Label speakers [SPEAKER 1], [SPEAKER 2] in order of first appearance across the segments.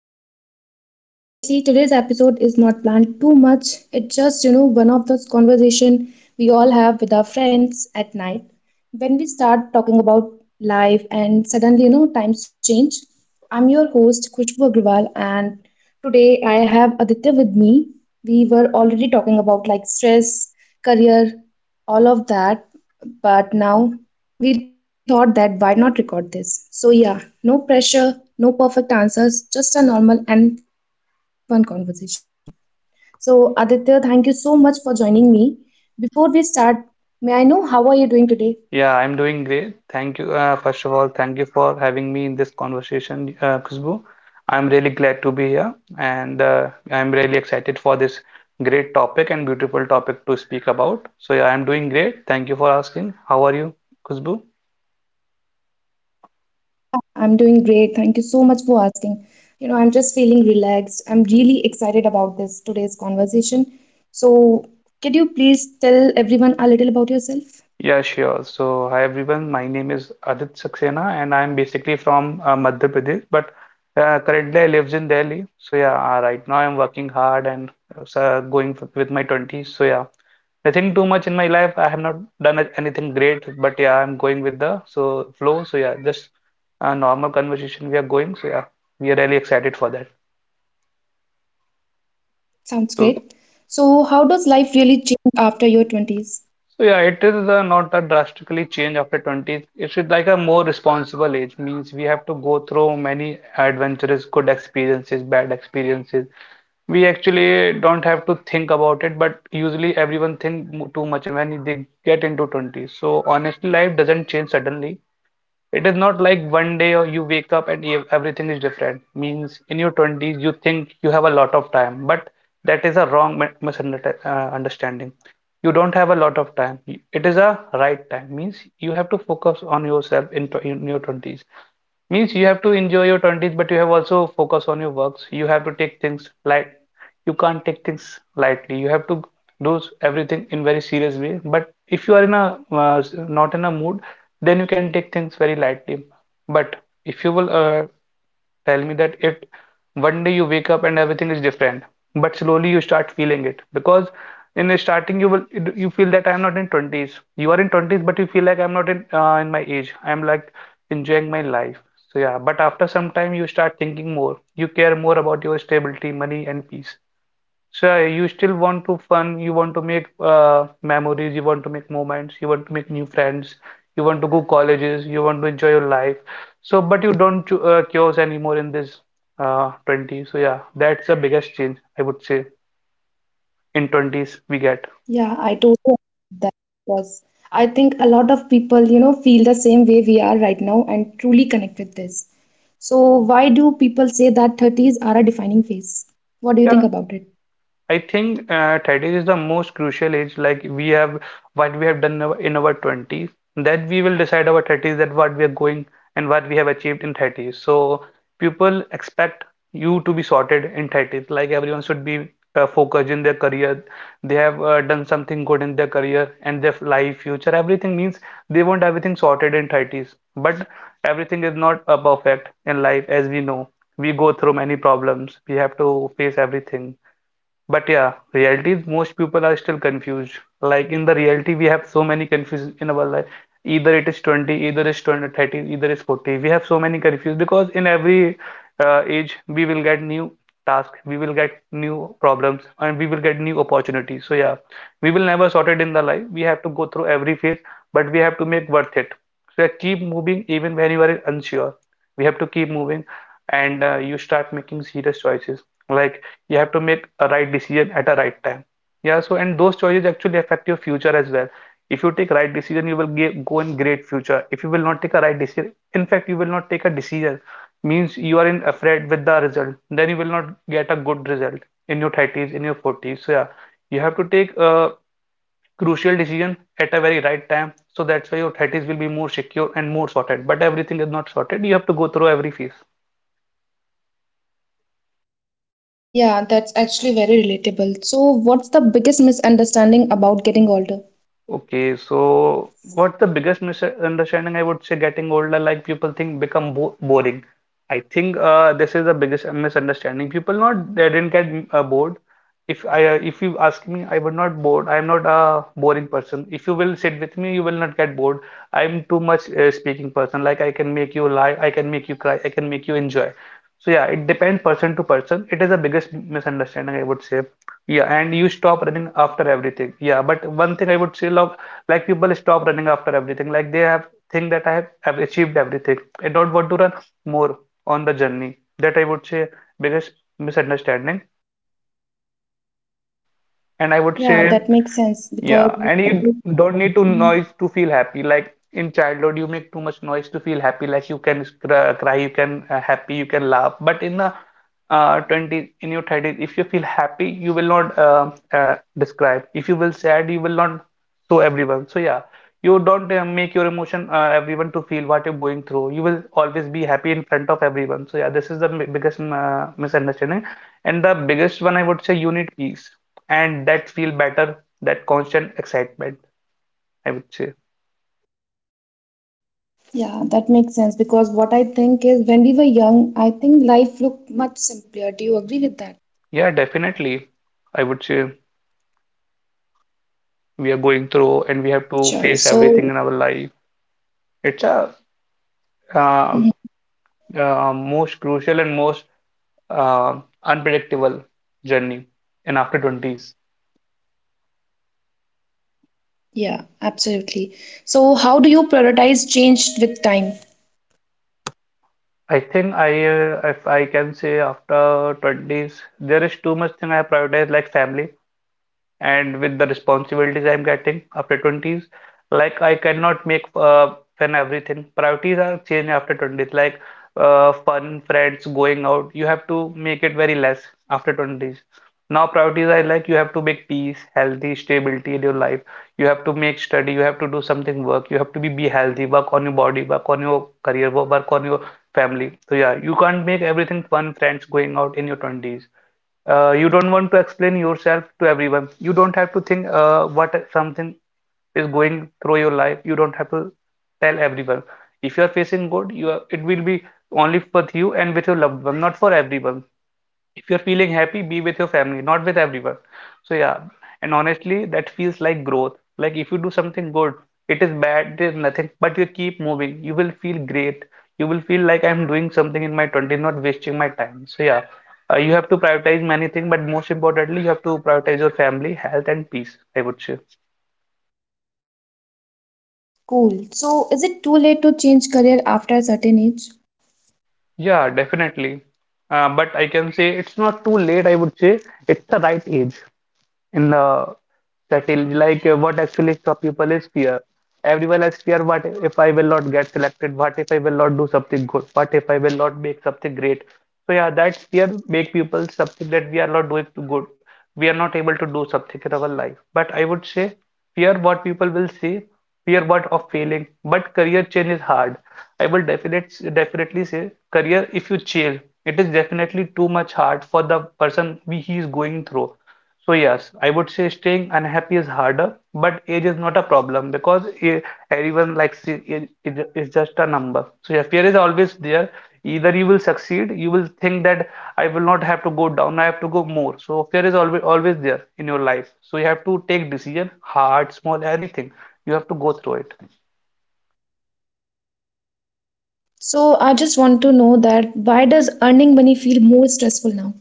[SPEAKER 1] really happy to hear today. Honestly, today's episode is not planned too much. It's just, you know, one of those conversation we all have with our friends at night when we start talking about life and suddenly, you know, times change. I'm your host, Khushbu Agrawal, and today I have Aditya with me. We were already talking about like stress, career, all of that, but now we thought that why not record this? So, yeah, no pressure, no perfect answers, just a normal and fun conversation. So, Aditya, thank you so much for joining me. Before we start, may I know how are you doing today?
[SPEAKER 2] Yeah, I'm doing great. Thank you. First of all, thank you for having me in this conversation, Khushbu. I'm really glad to be here, and I'm really excited for this great topic and beautiful topic to speak about. So, yeah, I'm doing great. Thank you for asking. How are you, Khushbu?
[SPEAKER 1] I'm doing great. Thank you so much for asking. You know, I'm just feeling relaxed. I'm really excited about this today's conversation. So, can you please tell everyone a little about yourself?
[SPEAKER 2] Yeah, sure. So, hi everyone. My name is Adit Saxena, and I'm basically from Madhya Pradesh, but currently I live in Delhi. So, yeah, right now I'm working hard and so going f with my 20s. So, yeah. Nothing too much in my life. I have not done anything great, but yeah, I'm going with the flow. So yeah, just a normal conversation we are going. So yeah, we are really excited for that.
[SPEAKER 1] Sounds
[SPEAKER 2] So,
[SPEAKER 1] great. So, how does life really change after your 20s?
[SPEAKER 2] so, yeah, it is not a drastically change after 20s. It's like a more responsible age. Means we have to go through many adventurous, good experiences, bad experiences. We actually don't have to think about it, but usually everyone think too much when they get into 20. So honestly, life doesn't change suddenly. It is not like one day or you wake up and everything is different. Means in your 20s, you think you have a lot of time, but that is a wrong misunderstanding. You don't have a lot of time. It is a right time. Means you have to focus on yourself in your 20s. Means you have to enjoy your 20s, but you have also focus on your works. You have to take things light. You can't take things lightly. You have to do everything in very serious way. But if you are in a uh, not in a mood, then you can take things very lightly. But if you will tell me that it one day you wake up and everything is different, but slowly you start feeling it, because in the starting you feel that I am not in 20s. You are in 20s, but you feel like I am not in my age, I am like enjoying my life. So yeah, but after some time you start thinking more. You care more about your stability, money, and peace. So yeah, you still want to fun, you want to make memories, you want to make moments, you want to make new friends, you want to go colleges, you want to enjoy your life. So but you don't choose anymore in this 20. So yeah, that's the biggest change I would say in 20s we get.
[SPEAKER 1] Yeah, I totally agree with that because I think a lot of people, you know, feel the same way we are right now and truly connect with this. So, why do people say that 30s are a defining phase? What do you think about it?
[SPEAKER 2] I think 30 is the most crucial age, like we have what we have done in our 20s, that we will decide our 30s, that what we are going and what we have achieved in 30s. So people expect you to be sorted in 30s, like everyone should be focused in their career. They have done something good in their career and their life, future, everything means they want everything sorted in 30s. But everything is not perfect in life, as we know. We go through many problems. We have to face everything. But yeah, reality is most people are still confused. Like in the reality, we have so many confusion in our life. Either it is 20, either it's 2030, either it's 40. We have so many confused because in every age, we will get new tasks, we will get new problems, and we will get new opportunities. So yeah, we will never sort it in the life. We have to go through every phase, but we have to make worth it. So yeah, keep moving even when you are unsure. We have to keep moving, and you start making serious choices. Like you have to make a right decision at a right time, yeah, so and those choices actually affect your future as well. If you take right decision, you will go in great future. If you will not take a right decision, in fact, you will not take a decision, means you are in afraid with the result, then you will not get a good result in your 30s, in your 40s. So yeah, you have to take a crucial decision at a very right time. So that's why your 30s will be more secure and more sorted, but everything is not sorted. You have to go through every phase.
[SPEAKER 1] Yeah, that's actually very relatable. So, what's the biggest misunderstanding about getting older?
[SPEAKER 2] Okay, so what's the biggest misunderstanding I would say getting older, like people think become bo boring. I think this is the biggest misunderstanding. People not they didn't get bored. If you ask me, I would not bored. I am not a boring person. If you will sit with me, you will not get bored. I am too much speaking person. Like I can make you laugh, I can make you cry, I can make you enjoy. So yeah, it depends person to person. It is the biggest misunderstanding I would say. Yeah, and you stop running after everything. Yeah, but one thing I would say, love, like people stop running after everything. Like they have think that I have achieved everything. I don't want to run more on the journey. That I would say biggest misunderstanding. And I would
[SPEAKER 1] Yeah,
[SPEAKER 2] say.
[SPEAKER 1] that makes sense because
[SPEAKER 2] Yeah, and you don't need to noise to feel happy. Like in childhood, you make too much noise to feel happy. Like you can cry, you can happy, you can laugh. But in the 20s, in your 30s, if you feel happy, you will not describe. If you will sad, you will not show everyone. So yeah, you don't make your emotion everyone to feel what you're going through. You will always be happy in front of everyone. So yeah, this is the biggest misunderstanding, and the biggest one I would say, you need peace and that feel better, that constant excitement, I would say.
[SPEAKER 1] yeah, that makes sense because what I think is when we were young, I think life looked much simpler. Do you agree with that?
[SPEAKER 2] Yeah, definitely. I would say we are going through and we have to
[SPEAKER 1] Sure.
[SPEAKER 2] face
[SPEAKER 1] So,
[SPEAKER 2] everything in our life. It's a uh,
[SPEAKER 1] mhm.
[SPEAKER 2] most crucial and most unpredictable journey in after 20s.
[SPEAKER 1] Yeah, absolutely. So, how do you prioritize change with time?
[SPEAKER 2] I think if I can say after 20s, there is too much thing I prioritize, like family, and with the responsibilities I'm getting after 20s, like I cannot make fun everything. Priorities are changed after 20s, like fun, friends, going out. You have to make it very less after 20s. Now priorities are like you have to make peace, healthy, stability in your life. You have to make study, you have to do something work, you have to be healthy, work on your body, work on your career, work on your family. So yeah, you can't make everything fun, friends, going out in your 20s. You don't want to explain yourself to everyone. You don't have to think what something is going through your life. You don't have to tell everyone. If you are facing good, it will be only with you and with your loved one, not for everyone. If you're feeling happy, be with your family, not with everyone. So yeah, and honestly that feels like growth. Like if you do something good, it is bad, it is nothing, but you keep moving, you will feel great. You will feel like I'm doing something in my 20s, not wasting my time. So yeah, you have to prioritize many things, but most importantly you have to prioritize your family, health, and peace, I would say.
[SPEAKER 1] Cool. So, is it too late to change career after a certain age?
[SPEAKER 2] Yeah, definitely, but I can say it's not too late, I would say. It's the right age in the settle, like what actually stop people is fear. Everyone has fear, what if I will not get selected, what if I will not do something good, what if I will not make something great. So yeah, that fear make people something that we are not doing too good, we are not able to do something in our life. But I would say, fear what people will see, fear what of failing, but career change is hard. I will definitely definitely say career if you change, it is definitely too much hard for the person we he is going through. So yes, I would say staying unhappy is harder, but age is not a problem, because everyone likes it, it is just a number. So yeah, fear is always there. Either you will succeed, you will think that I will not have to go down, I have to go more. So fear is always always there in your life. So you have to take decision, hard, small, anything. You have to go through it.
[SPEAKER 1] So, I just want to know that why does earning money feel more stressful now?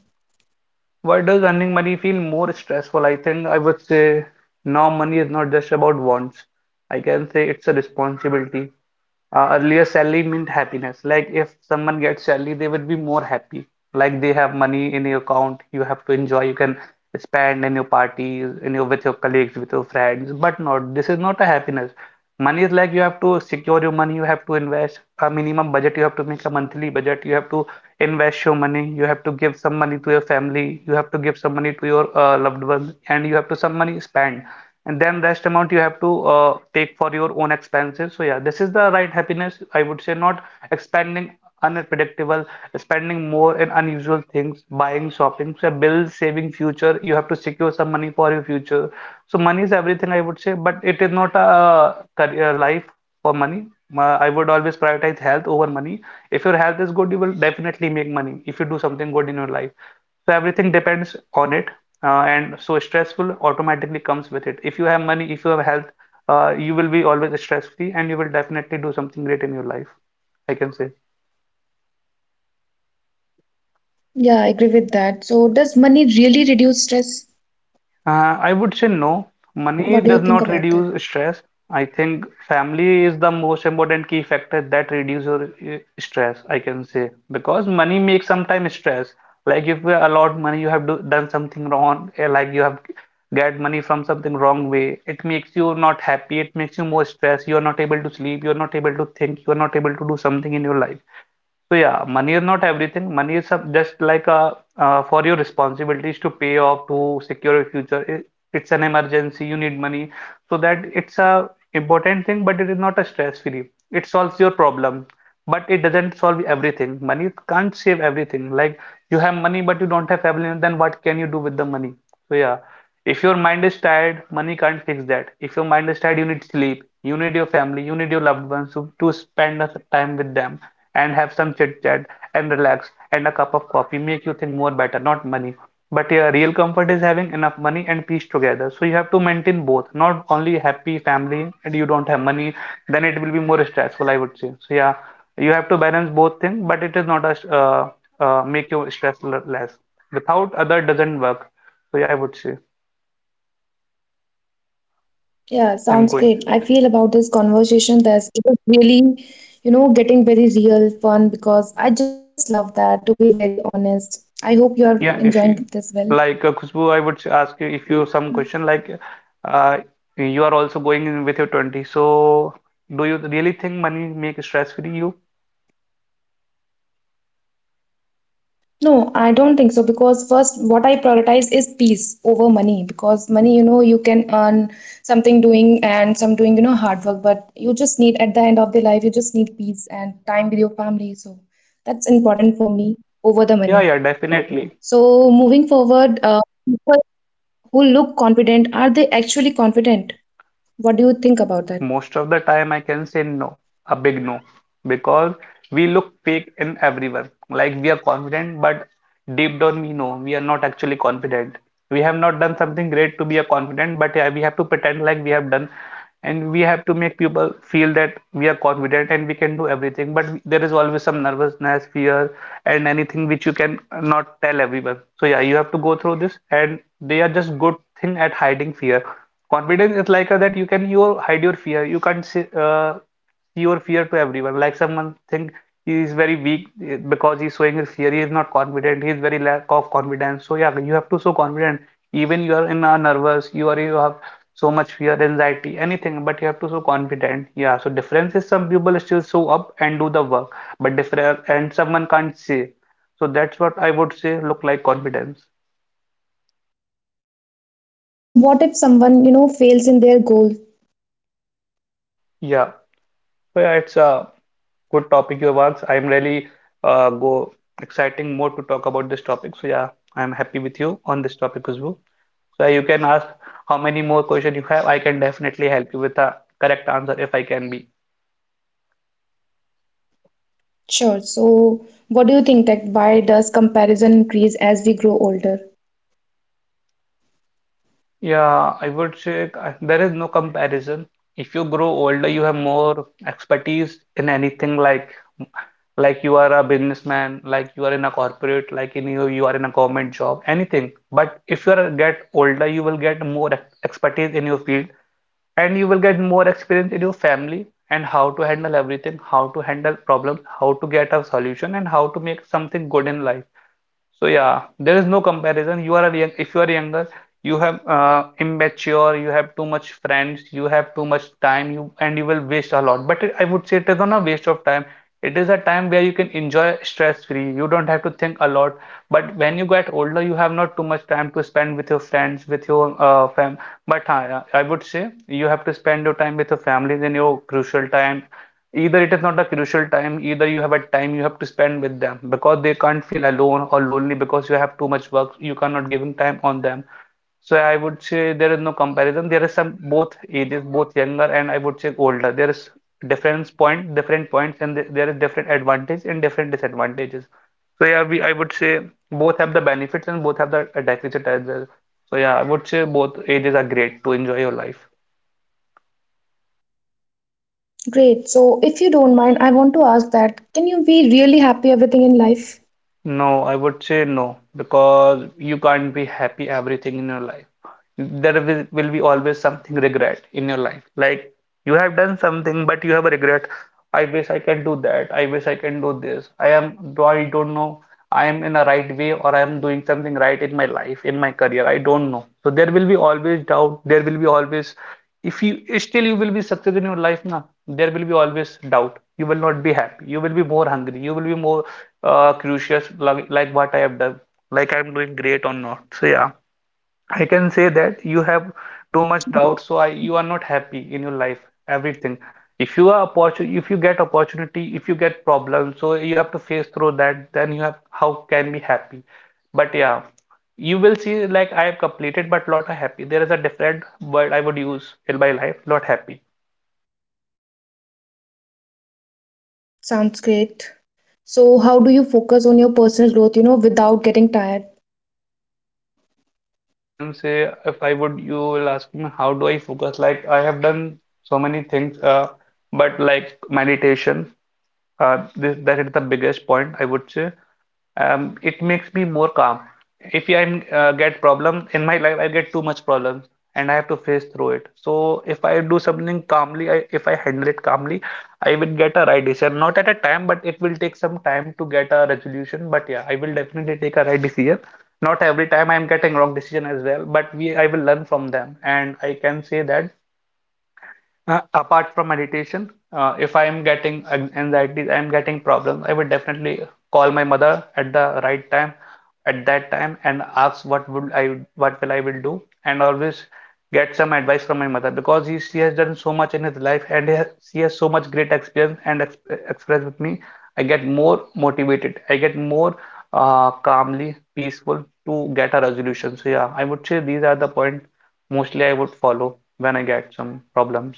[SPEAKER 2] Why does earning money feel more stressful? I think I would say now money is not just about wants. I can say it's a responsibility. Earlier, salary meant happiness. Like if someone gets salary, they would be more happy. Like they have money in your account, you have to enjoy, you can spend in your parties, in your with your colleagues, with your friends. But not, this is not a happiness. Money is like you have to secure your money, you have to invest a minimum budget, you have to make a monthly budget, you have to invest your money, you have to give some money to your family, you have to give some money to your loved ones, and you have to some money spend, and then rest amount you have to take for your own expenses. So yeah, this is the right happiness, I would say, not expanding, unpredictable, spending more in unusual things, buying, shopping, so bills, saving future. You have to secure some money for your future. So money is everything, I would say, but it is not a career life for money. I would always prioritize health over money. If your health is good, you will definitely make money if you do something good in your life. So everything depends on it, and so stressful automatically comes with it. If you have money, if you have health, you will be always stress free, and you will definitely do something great in your life. I can say.
[SPEAKER 1] Yeah, I agree with that. So, does money really reduce stress?
[SPEAKER 2] I would say no.
[SPEAKER 1] What
[SPEAKER 2] Money
[SPEAKER 1] do you
[SPEAKER 2] does
[SPEAKER 1] think
[SPEAKER 2] not
[SPEAKER 1] about that?
[SPEAKER 2] reduce stress. I think family is the most important key factor that reduces your stress, I can say. Because money makes sometimes stress. Like if you allot money, you have done something wrong, eh, like you have get money from something wrong way. It makes you not happy. It makes you more stressed. You are not able to sleep. You are not able to think. You are not able to do something in your life. So yeah, money is not everything. Money is just like a for your responsibilities to pay off to secure your future. It, it's an emergency. You need money, so that it's a important thing, but it is not a stress-free. It solves your problem, but it doesn't solve everything. Money can't save everything. Like you have money, but you don't have family, then what can you do with the money? So yeah, if your mind is tired, money can't fix that. If your mind is tired, you need sleep, you need your family, you need your loved ones to spend a time with them and have some chit chat and relax, and a cup of coffee make you think more better, not money. But yeah, real comfort is having enough money and peace together. So you have to maintain both, not only happy family and you don't have money, then it will be more stressful, I would say. So yeah, you have to balance both things, but it is not a make your stress less. Without other doesn't work. So yeah, I would say
[SPEAKER 1] Yeah,
[SPEAKER 2] I'm
[SPEAKER 1] sounds
[SPEAKER 2] going.
[SPEAKER 1] great. I feel about this conversation that it is really, you know, getting very real fun because I just love that, to be very honest. I hope you're
[SPEAKER 2] Yeah,
[SPEAKER 1] enjoying
[SPEAKER 2] Nishi.
[SPEAKER 1] this well.
[SPEAKER 2] Like Khushbu, I would ask you if you some question like uh, you are also going in with your 20. So do you really think money make stress free you?
[SPEAKER 1] No, I don't think so because first, what I prioritize is peace over money because money, you know, you can earn something doing and some doing, you know, hard work, but you just need at the end of the life, you just need peace and time with your family. So that's important for me over the
[SPEAKER 2] Yeah,
[SPEAKER 1] money.
[SPEAKER 2] yeah, definitely.
[SPEAKER 1] So moving forward, people who look confident, are they actually confident? What do you think about that?
[SPEAKER 2] Most of the time I can say no, a big no, because we look fake in everyone. Like we are confident, but deep down we know we are not actually confident. We have not done something great to be a confident, but yeah, we have to pretend like we have done, and we have to make people feel that we are confident and we can do everything, but there is always some nervousness, fear, and anything which you can not tell everyone. So yeah, you have to go through this, and they are just good thing at hiding fear. Confidence is like a, that you can you hide your fear, you can't say, see your fear to everyone. Like someone think he is very weak, eh, because he's showing his fear, he is not confident, he is very lack of confidence. So yeah, you have to show confident even you are in a nervous, you are you have so much fear, anxiety, anything, but you have to so confident. Yeah, so difference is some people still show up and do the work, but different and someone can't see. So that's what I would say look like confidence.
[SPEAKER 1] So what if someone, you know, fails in their goal?
[SPEAKER 2] Yeah, so yeah, it's a good topic your works. I'm really go exciting more to talk about this topic. So yeah, I'm happy with you on this topic as well. So yeah, you can ask how many more question you have. I can definitely help you with a correct answer if I can be.
[SPEAKER 1] Sure. So what do you think that why does comparison increase as we grow older?
[SPEAKER 2] Yeah, I would say there is no comparison. If you grow older, you have more expertise in anything, like you are a businessman, like you are in a corporate, like in you are in a government job, anything. But if you are get older, you will get more expertise in your field, and you will get more experience in your family and how to handle everything, how to handle problems, how to get a solution, and how to make something good in life. So yeah, there is no comparison. You are a young, if you are younger, you have immature, you have too much friends, you have too much time, you and you will waste a lot. But it, I would say it is not a waste of time. It is a time where you can enjoy stress free. You don't have to think a lot. But when you get older, you have not too much time to spend with your friends, with your fam. But I would say you have to spend your time with your family in your crucial time, either it is not a crucial time, either you have a time, you have to spend with them because they can't feel alone or lonely because you have too much work, you cannot giving time on them. So I would say there is no comparison. There is some both ages, both younger and I would say older, there is difference point, different points, and there is different advantage and different disadvantages. So yeah, we I would say both have the benefits and both have the deficit as well. So yeah, I would say both ages are great to enjoy your life.
[SPEAKER 1] Great. So, if you don't mind, I want to ask that can you be really happy everything in life?
[SPEAKER 2] No, I would say no, because you can't be happy everything in your life. Will be always something regret in your life. Like you have done something, but you have a regret. I wish I can do that. I wish I can do this. I don't know. I am in a right way, or I am doing something right in my life, in my career. I don't know. So there will be always doubt. There will be always, if you still you will be success in your life, na, there will be always doubt. You will not be happy. You will be more hungry. You will be more crucius like what I have done, like I'm doing great or not. So yeah, I can say that you have too much doubt, so I you are not happy in your life, everything. If you are opportunity, if you get opportunity, if you get problems, so you have to face through that, then you have how can be happy. But yeah, you will see like I have completed, but not happy. There is a different word I would use in my life, not happy.
[SPEAKER 1] Sounds great. So, how do you focus on your personal growth, you know, without getting tired?
[SPEAKER 2] I can say if I would, you will ask me how do I focus? Like I have done so many things, but like meditation. This, that is the biggest point I would say. It makes me more calm. If I get problem in my life, I get too much problems, and I have to face through it. So if I do something calmly, if I handle it calmly, I will get a right decision. Not at a time, but it will take some time to get a resolution. But yeah, I will definitely take a right decision. Not every time I'm getting wrong decision as well, but we I will learn from them, and I can say that apart from meditation, if I am getting anxiety, I am getting problems, I would definitely call my mother at the right time, at that time, and ask what will I will do, and always get some advice from my mother because she has done so much in his life, and she has so much great experience and ex express with me. I get more motivated. I get more calmly peaceful to get a resolution. So yeah, I would say these are the point mostly I would follow when I get some problems.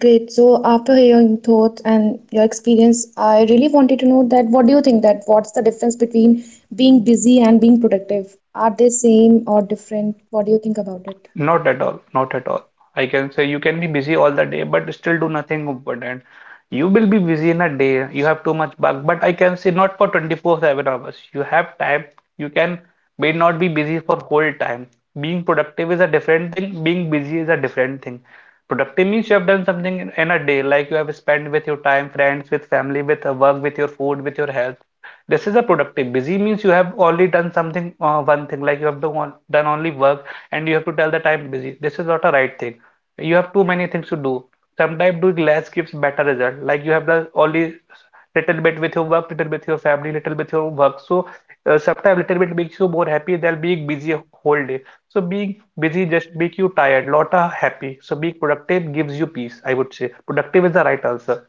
[SPEAKER 1] Great. So, after hearing thoughts and your experience, I really wanted to know that what do you think that what's the difference between being busy and being productive? Are they same or different? What do you think about it?
[SPEAKER 2] Not at all, not at all. I can say you can be busy all the day, but still do nothing important. You will be busy in a day. You have too much work, but I can say not for 24/7 hours. You have time. You can may not be busy for whole time. Being productive is a different thing. Being busy is a different thing. Productive means you have done something in a day, like you have spent with your time, friends, with family, with work, with your food, with your health. This is a productive. Busy means you have only done something, one thing, like you have done only work and you have to tell that I'm busy. This is not a right thing. You have too many things to do. Sometimes doing less gives better result. Like you have the only little bit with your work, little bit with your family, little bit with your work. So sometimes little bit makes you more happy than being busy whole day. So being busy just make you tired, not happy. So being productive gives you peace, I would say. Productive is the right answer.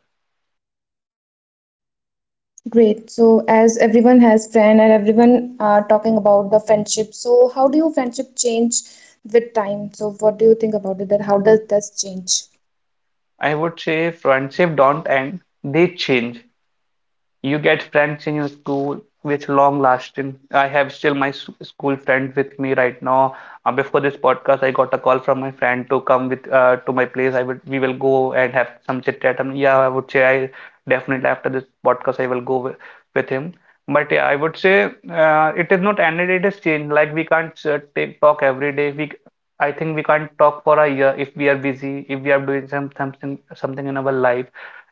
[SPEAKER 1] Great. So, as everyone has friend and everyone are talking about the friendship, so how do you friendship change with time? So, what do you think about it? That how does this change?
[SPEAKER 2] I would say friendship don't end, they change. You get friends in your school which long lasting. I have still my school friend with me right now. Before this podcast, I got a call from my friend to come with to my place. I would We will go and have some chit chat. And yeah, I would say I definitely after this podcast I will go with him. But yeah, I would say it is not ended. It is changed. Like we can't take talk every day. I think we can't talk for a year if we are busy, if we are doing something in our life.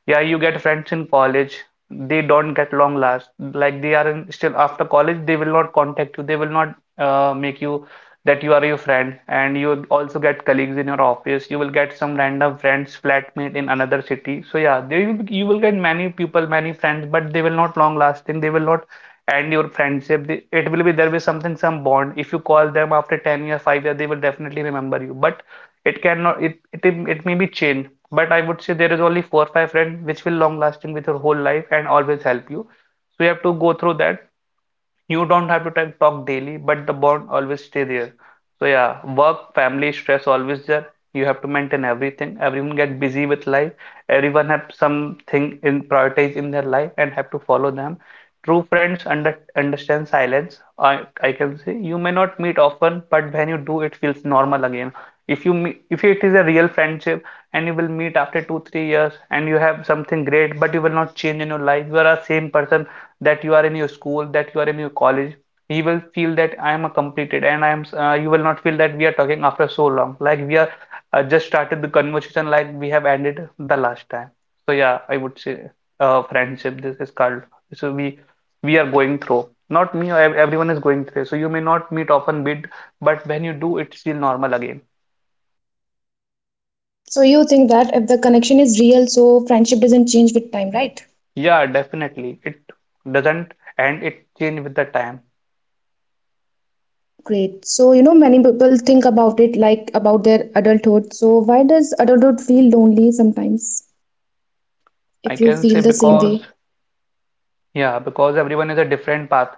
[SPEAKER 2] Yeah, you get friends in college, they don't get long last, like they are still after college they will not contact you, they will not make you that you are your friend. And you will also get colleagues in your office, you will get some random friends, flatmate in another city. So yeah, you will get many people, many friends, but they will not long lasting, they will not end your friendship. It will be there will be something, some bond. If you call them after 10 years, 5 years, they will definitely remember you, but it cannot it it, it may be change. But I would say there is only four or five friends which will long lasting with your whole life and always help you. So you have to go through that you don't have to talk daily, but the bond always stay there. So yeah, work, family, stress always there. You have to maintain everything. Everyone get busy with life. Everyone have something in prioritize in their life and have to follow them. True friends understand silence. I can say you may not meet often, but when you do, it feels normal again. If you meet, if it is a real friendship and you will meet after 2 3 years and you have something great, but you will not change in your life. You are a same person that you are in your school, that you are in your college, he will feel that I am completed and I am, you will not feel that we are talking after so long. Like we are just started the conversation, like we have ended the last time. So yeah, I would say friendship, this is called. So we are going through. Not me, everyone is going through. So you may not meet often, but when you do, it's still normal again.
[SPEAKER 1] So, you think that if the connection is real, so friendship doesn't change with time, right?
[SPEAKER 2] Yeah, definitely. It doesn't and it change with the time.
[SPEAKER 1] Great. So, you know, many people think about it like about their adulthood. So, why does adulthood feel lonely sometimes?
[SPEAKER 2] I
[SPEAKER 1] If you
[SPEAKER 2] can say
[SPEAKER 1] feel the same
[SPEAKER 2] because
[SPEAKER 1] way.
[SPEAKER 2] yeah, because everyone is a different path.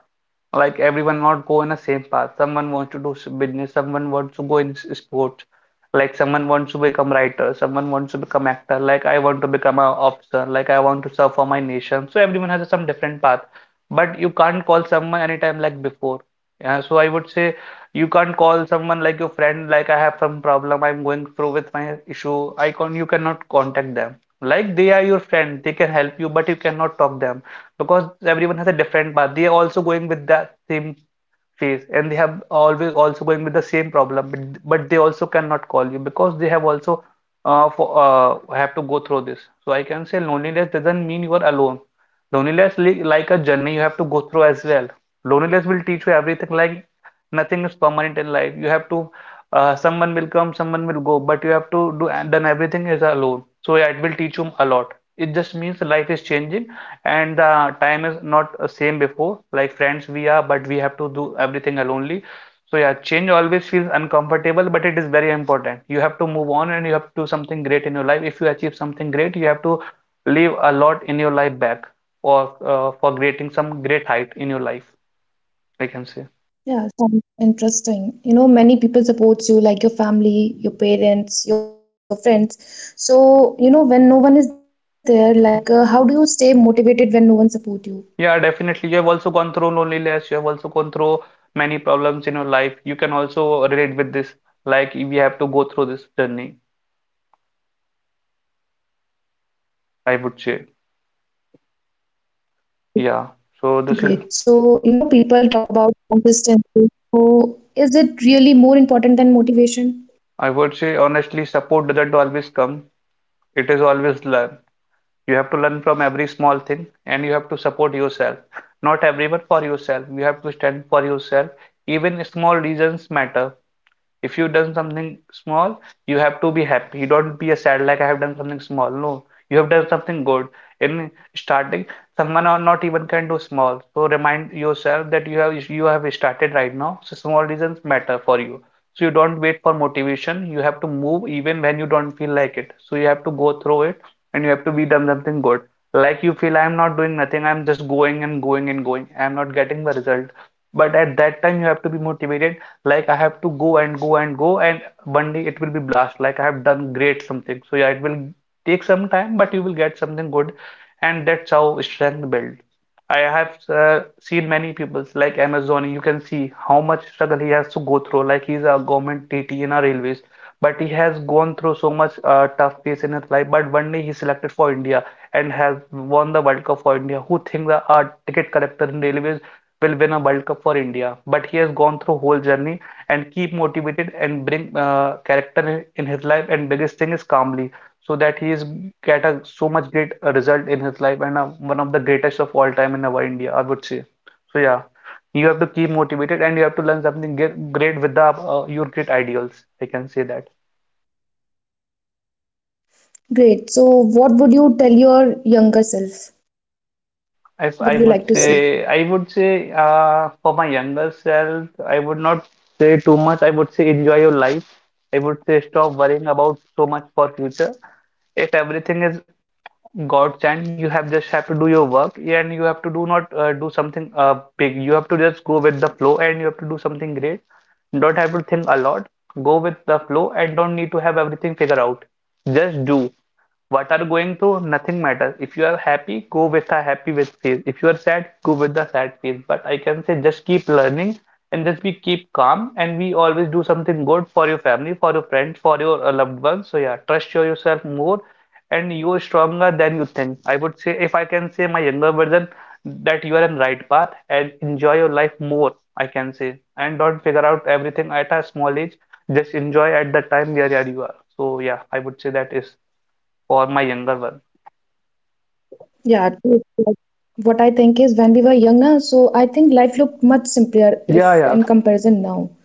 [SPEAKER 2] Like everyone not go in the same path. Someone wants to do business, someone wants to go in sports, like someone wants to become writer, someone wants to become actor, like I want to become a officer, like I want to serve for my nation. So everyone has some different path. But you can't call someone anytime like before. Yeah, so I would say you can't call someone like your friend, like I have some problem, I'm going through with my issue. I can You cannot contact them. Like they are your friend, they can help you, but you cannot talk them because everyone has a different path. They are also going with that same phase and they have always also going with the same problem, but they also cannot call you because they have also have to go through this. So I can say loneliness doesn't mean you are alone. Loneliness li like a journey you have to go through as well. Loneliness will teach you everything, like nothing is permanent in life. You have to, someone will come, someone will go, but you have to do done everything is alone. So yeah, it will teach you a lot. It just means life is changing and the time is not same before, like friends we are, but we have to do everything alone. So yeah, change always feels uncomfortable, but it is very important. You have to move on and you have to do something great in your life. If you achieve something great you have to leave a lot in your life back, or for creating some great height in your life, I can say.
[SPEAKER 1] Yeah, sounds interesting. You know, many people support you, like your family, your parents, your friends. So, you know, when no one is there, like, how do you stay motivated when no one support you?
[SPEAKER 2] Yeah, definitely. You have also gone through loneliness, you have also gone through many problems in your life, you can also relate with this, like we have to go through this journey, I would say. Yeah, so this is.
[SPEAKER 1] Great. So, you know, people talk about consistency. So, is it really more important than motivation?
[SPEAKER 2] I would say honestly, support doesn't always come. It is always learn. You have to learn from every small thing and you have to support yourself. Not everyone for yourself. You have to stand for yourself. Even small reasons matter. If you have done something small you have to be happy, you don't be a sad, like I have done something small. No, you have done something good in starting. Someone are not even can do small, so remind yourself that you have started right now. So small reasons matter for you. So you don't wait for motivation, you have to move even when you don't feel like it, so you have to go through it and you have to be done something good. Like you feel I'm not doing nothing, I'm just going and going and going, I'm not getting the result, but at that time you have to be motivated. Like I have to go and go and go, and one day it will be blast, like I have done great something. So yeah, it will take some time, but you will get something good, and that's how strength build. I have seen many people like Amazon, you can see how much struggle he has to go through. Like he's a government T T in our railways, but he has gone through so much tough phase in his life, but one day he selected for India and has won the World Cup for India. Who think that a ticket collector in railways will win a World Cup for India? But he has gone through whole journey and keep motivated and bring character in his life, and biggest thing is calmly, so that he is get a so much great result in his life, and one of the greatest of all time in our India, I would say. So yeah, you have to keep motivated and you have to learn something great with the your great ideals, I can say that.
[SPEAKER 1] Great. So, what would you tell your younger self?
[SPEAKER 2] If I
[SPEAKER 1] What
[SPEAKER 2] would
[SPEAKER 1] would you like to
[SPEAKER 2] say,
[SPEAKER 1] say?
[SPEAKER 2] for my younger self I would not say too much. I would say enjoy your life. I would say stop worrying about so much for future, if everything is God's hand. You have just have to do your work, and you have to do not do something big. You have to just go with the flow, and you have to do something great. Don't have to think a lot. Go with the flow and don't need to have everything figured out. Just do what are going through. Nothing matters. If you are happy, go with the happy with face. If you are sad, go with the sad face. But I can say just keep learning and just be keep calm, and we always do something good for your family, for your friends, for your loved ones. So yeah, trust yourself more, and you are stronger than you think. I would say, if I can say my younger version, that you are on right path and enjoy your life more, I can say. And don't figure out everything at a small age. Just enjoy at the time where you are. So yeah, I would say that is for my younger one.
[SPEAKER 1] Yeah, true. Like, what I think is when we were young na. So I think life looked much simpler
[SPEAKER 2] Yeah,
[SPEAKER 1] if
[SPEAKER 2] yeah.
[SPEAKER 1] in comparison now.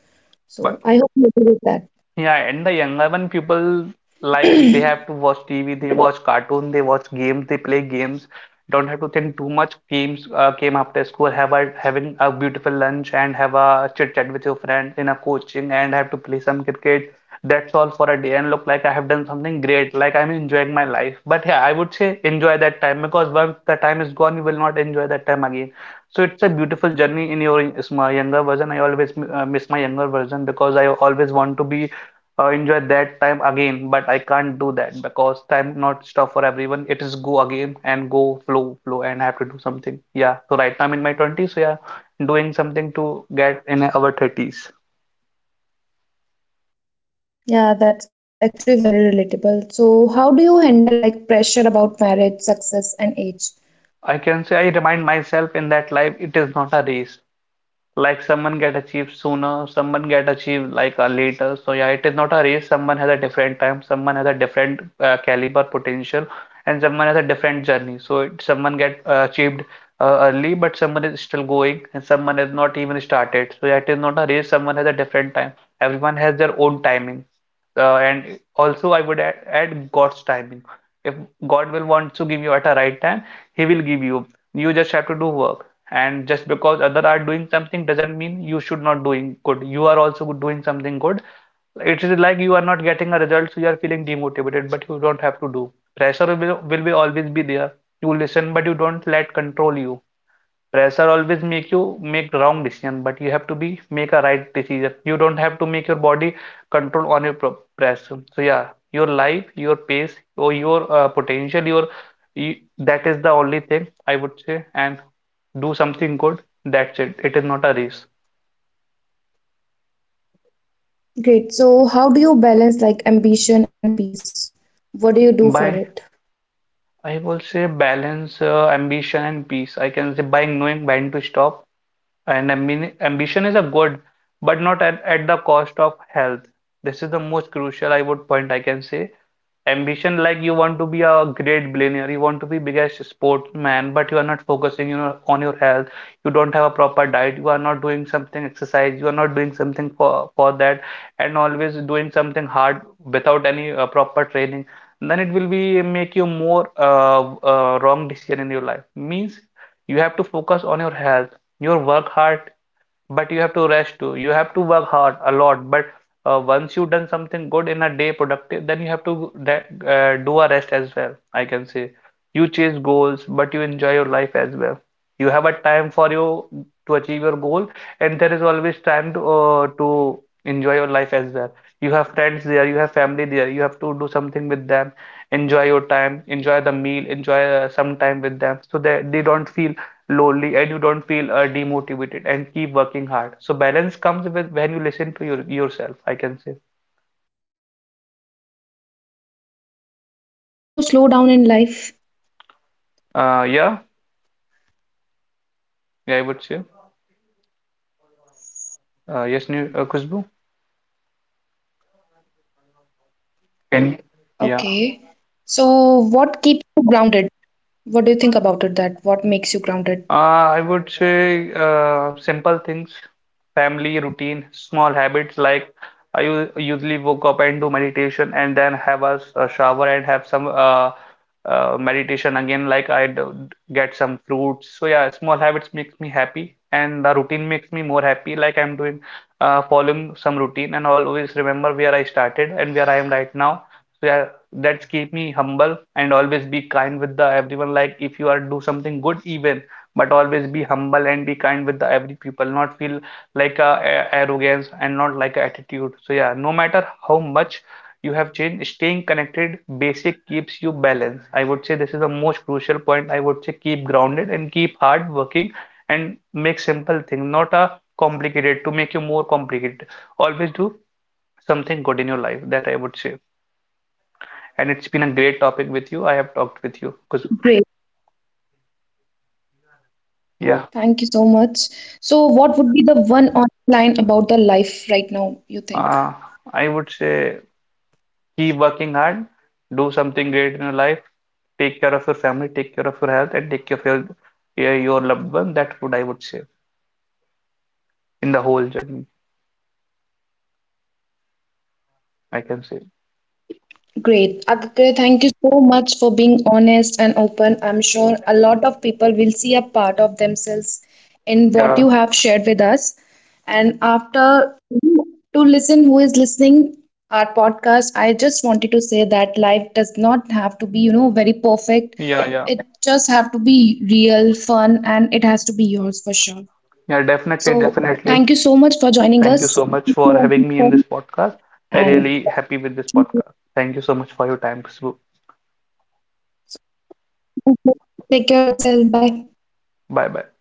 [SPEAKER 2] But
[SPEAKER 1] So, I hope you agree with that.
[SPEAKER 2] yeah, and the younger one people, like, they have to watch TV, they watch cartoon, they watch games, they play games. Don't have to think too much. Games came after school, have a having a beautiful lunch and have a chit chat with your friends in a coaching and have to play some cricket. That's all for a day, and look like I have done something great, like I'm enjoying my life. But yeah, I would say enjoy that time, because once the time is gone, you will not enjoy that time again. So it's a beautiful journey in your is my younger version. I always miss my younger version because I always want to be enjoy that time again, but I can't do that because time not stuff for everyone. It is go again and go flow, flow, and I have to do something. Yeah, so right now I'm in my 20s, so yeah, doing something to get in our 30s.
[SPEAKER 1] Yeah, that's actually very relatable. So, how do you handle like pressure about marriage, success, and age?
[SPEAKER 2] I can say I remind myself in that life it is not a race. Like someone get achieved sooner, someone get achieved like later. So yeah, it is not a race. Someone has a different time, someone has a different caliber potential, and someone has a different journey. So it, someone get achieved early, but someone is still going, and someone has not even started. So yeah, it is not a race. Someone has a different time. Everyone has their own timing. And also, I would add God's timing. If God will want to give you at a right time, He will give you. You just have to do work, and just because others are doing something doesn't mean you should not doing good. You are also doing something good. It is like you are not getting a result, so you are feeling demotivated, but you don't have to do. Pressure will be always be there. You listen, but you don't let control you. Pressure always make you make wrong decision, but you have to be make a right decision. You don't have to make your body control on your pressure. So yeah, your life, your pace, or your potential, your you, that is the only thing I would say. And do something good, that's it. It is not a race.
[SPEAKER 1] Great. So, how do you balance like ambition and peace? What do you do for
[SPEAKER 2] By
[SPEAKER 1] it?
[SPEAKER 2] I will say balance ambition and peace, I can say, by knowing when to stop. And ambition is a good, but not at the cost of health. This is the most crucial I would point, I can say. Ambition, like, you want to be a great billionaire, you want to be biggest sportsman, but you are not focusing, you know, on your health. You don't have a proper diet, you are not doing something exercise, you are not doing something for that, and always doing something hard without any proper training, then it will be make you more wrong decision in your life. Means you have to focus on your health, your work hard, but you have to rest too. You have to work hard a lot. But once you've done something good in a day, productive, then you have to that, do a rest as well. I can say you chase goals, but you enjoy your life as well. You have a time for you to achieve your goal, and there is always time to enjoy your life as well. You have friends there, you have family there. You have to do something with them. Enjoy your time, enjoy the meal, enjoy some time with them, so that they don't feel lonely and you don't feel demotivated, and keep working hard. So balance comes with when you listen to your yourself, I can say.
[SPEAKER 1] So, is it okay to slow down in life?
[SPEAKER 2] Yeah, yeah, I would say. Yes, new Khushbu, can you? Yeah.
[SPEAKER 1] Okay. So, what keeps you grounded? What do you think about it that what makes you grounded?
[SPEAKER 2] I would say simple things, family routine, small habits, like I usually woke up and do meditation and then have a, a shower and have some meditation again, like I do, get some fruits. So yeah, small habits makes me happy, and the routine makes me more happy, like I'm doing following some routine and always remember where I started and where I am right now. So yeah, that's keep me humble and always be kind with the everyone, like if you are do something good even, but always be humble and be kind with the every people, not feel like a, arrogance and not like a attitude. So yeah, no matter how much you have changed, staying connected basic keeps you balanced, I would say. This is the most crucial point I would say. Keep grounded and keep hard working, and make simple thing, not a complicated, to make you more complicated. Always do something good in your life, that I would say. And it's been a great topic with you, I have talked with you, because
[SPEAKER 1] Great.
[SPEAKER 2] yeah,
[SPEAKER 1] Thank you so much. So, what would be the one online about the life right now you think?
[SPEAKER 2] uh, I would say keep working hard, do something great in your life, take care of your family, take care of your health, and take care of your loved one. That's what I would say in the whole journey, I can say.
[SPEAKER 1] Great. Aditya, thank you so much for being honest and open. I'm sure a lot of people will see a part of themselves in what
[SPEAKER 2] Yeah,
[SPEAKER 1] you have shared with us. And after to listen who is listening our podcast, I just wanted to say that life does not have to be, you know, very perfect.
[SPEAKER 2] yeah, yeah,
[SPEAKER 1] It just have to be real, fun, and it has to be yours for sure.
[SPEAKER 2] yeah, definitely,
[SPEAKER 1] So
[SPEAKER 2] definitely.
[SPEAKER 1] thank you so much for joining
[SPEAKER 2] Thank you so
[SPEAKER 1] us.
[SPEAKER 2] much for having me in this podcast. I
[SPEAKER 1] And
[SPEAKER 2] really happy with this podcast. Thank you so much for your time, Khushbu.
[SPEAKER 1] take care of yourself. Bye.
[SPEAKER 2] Bye bye.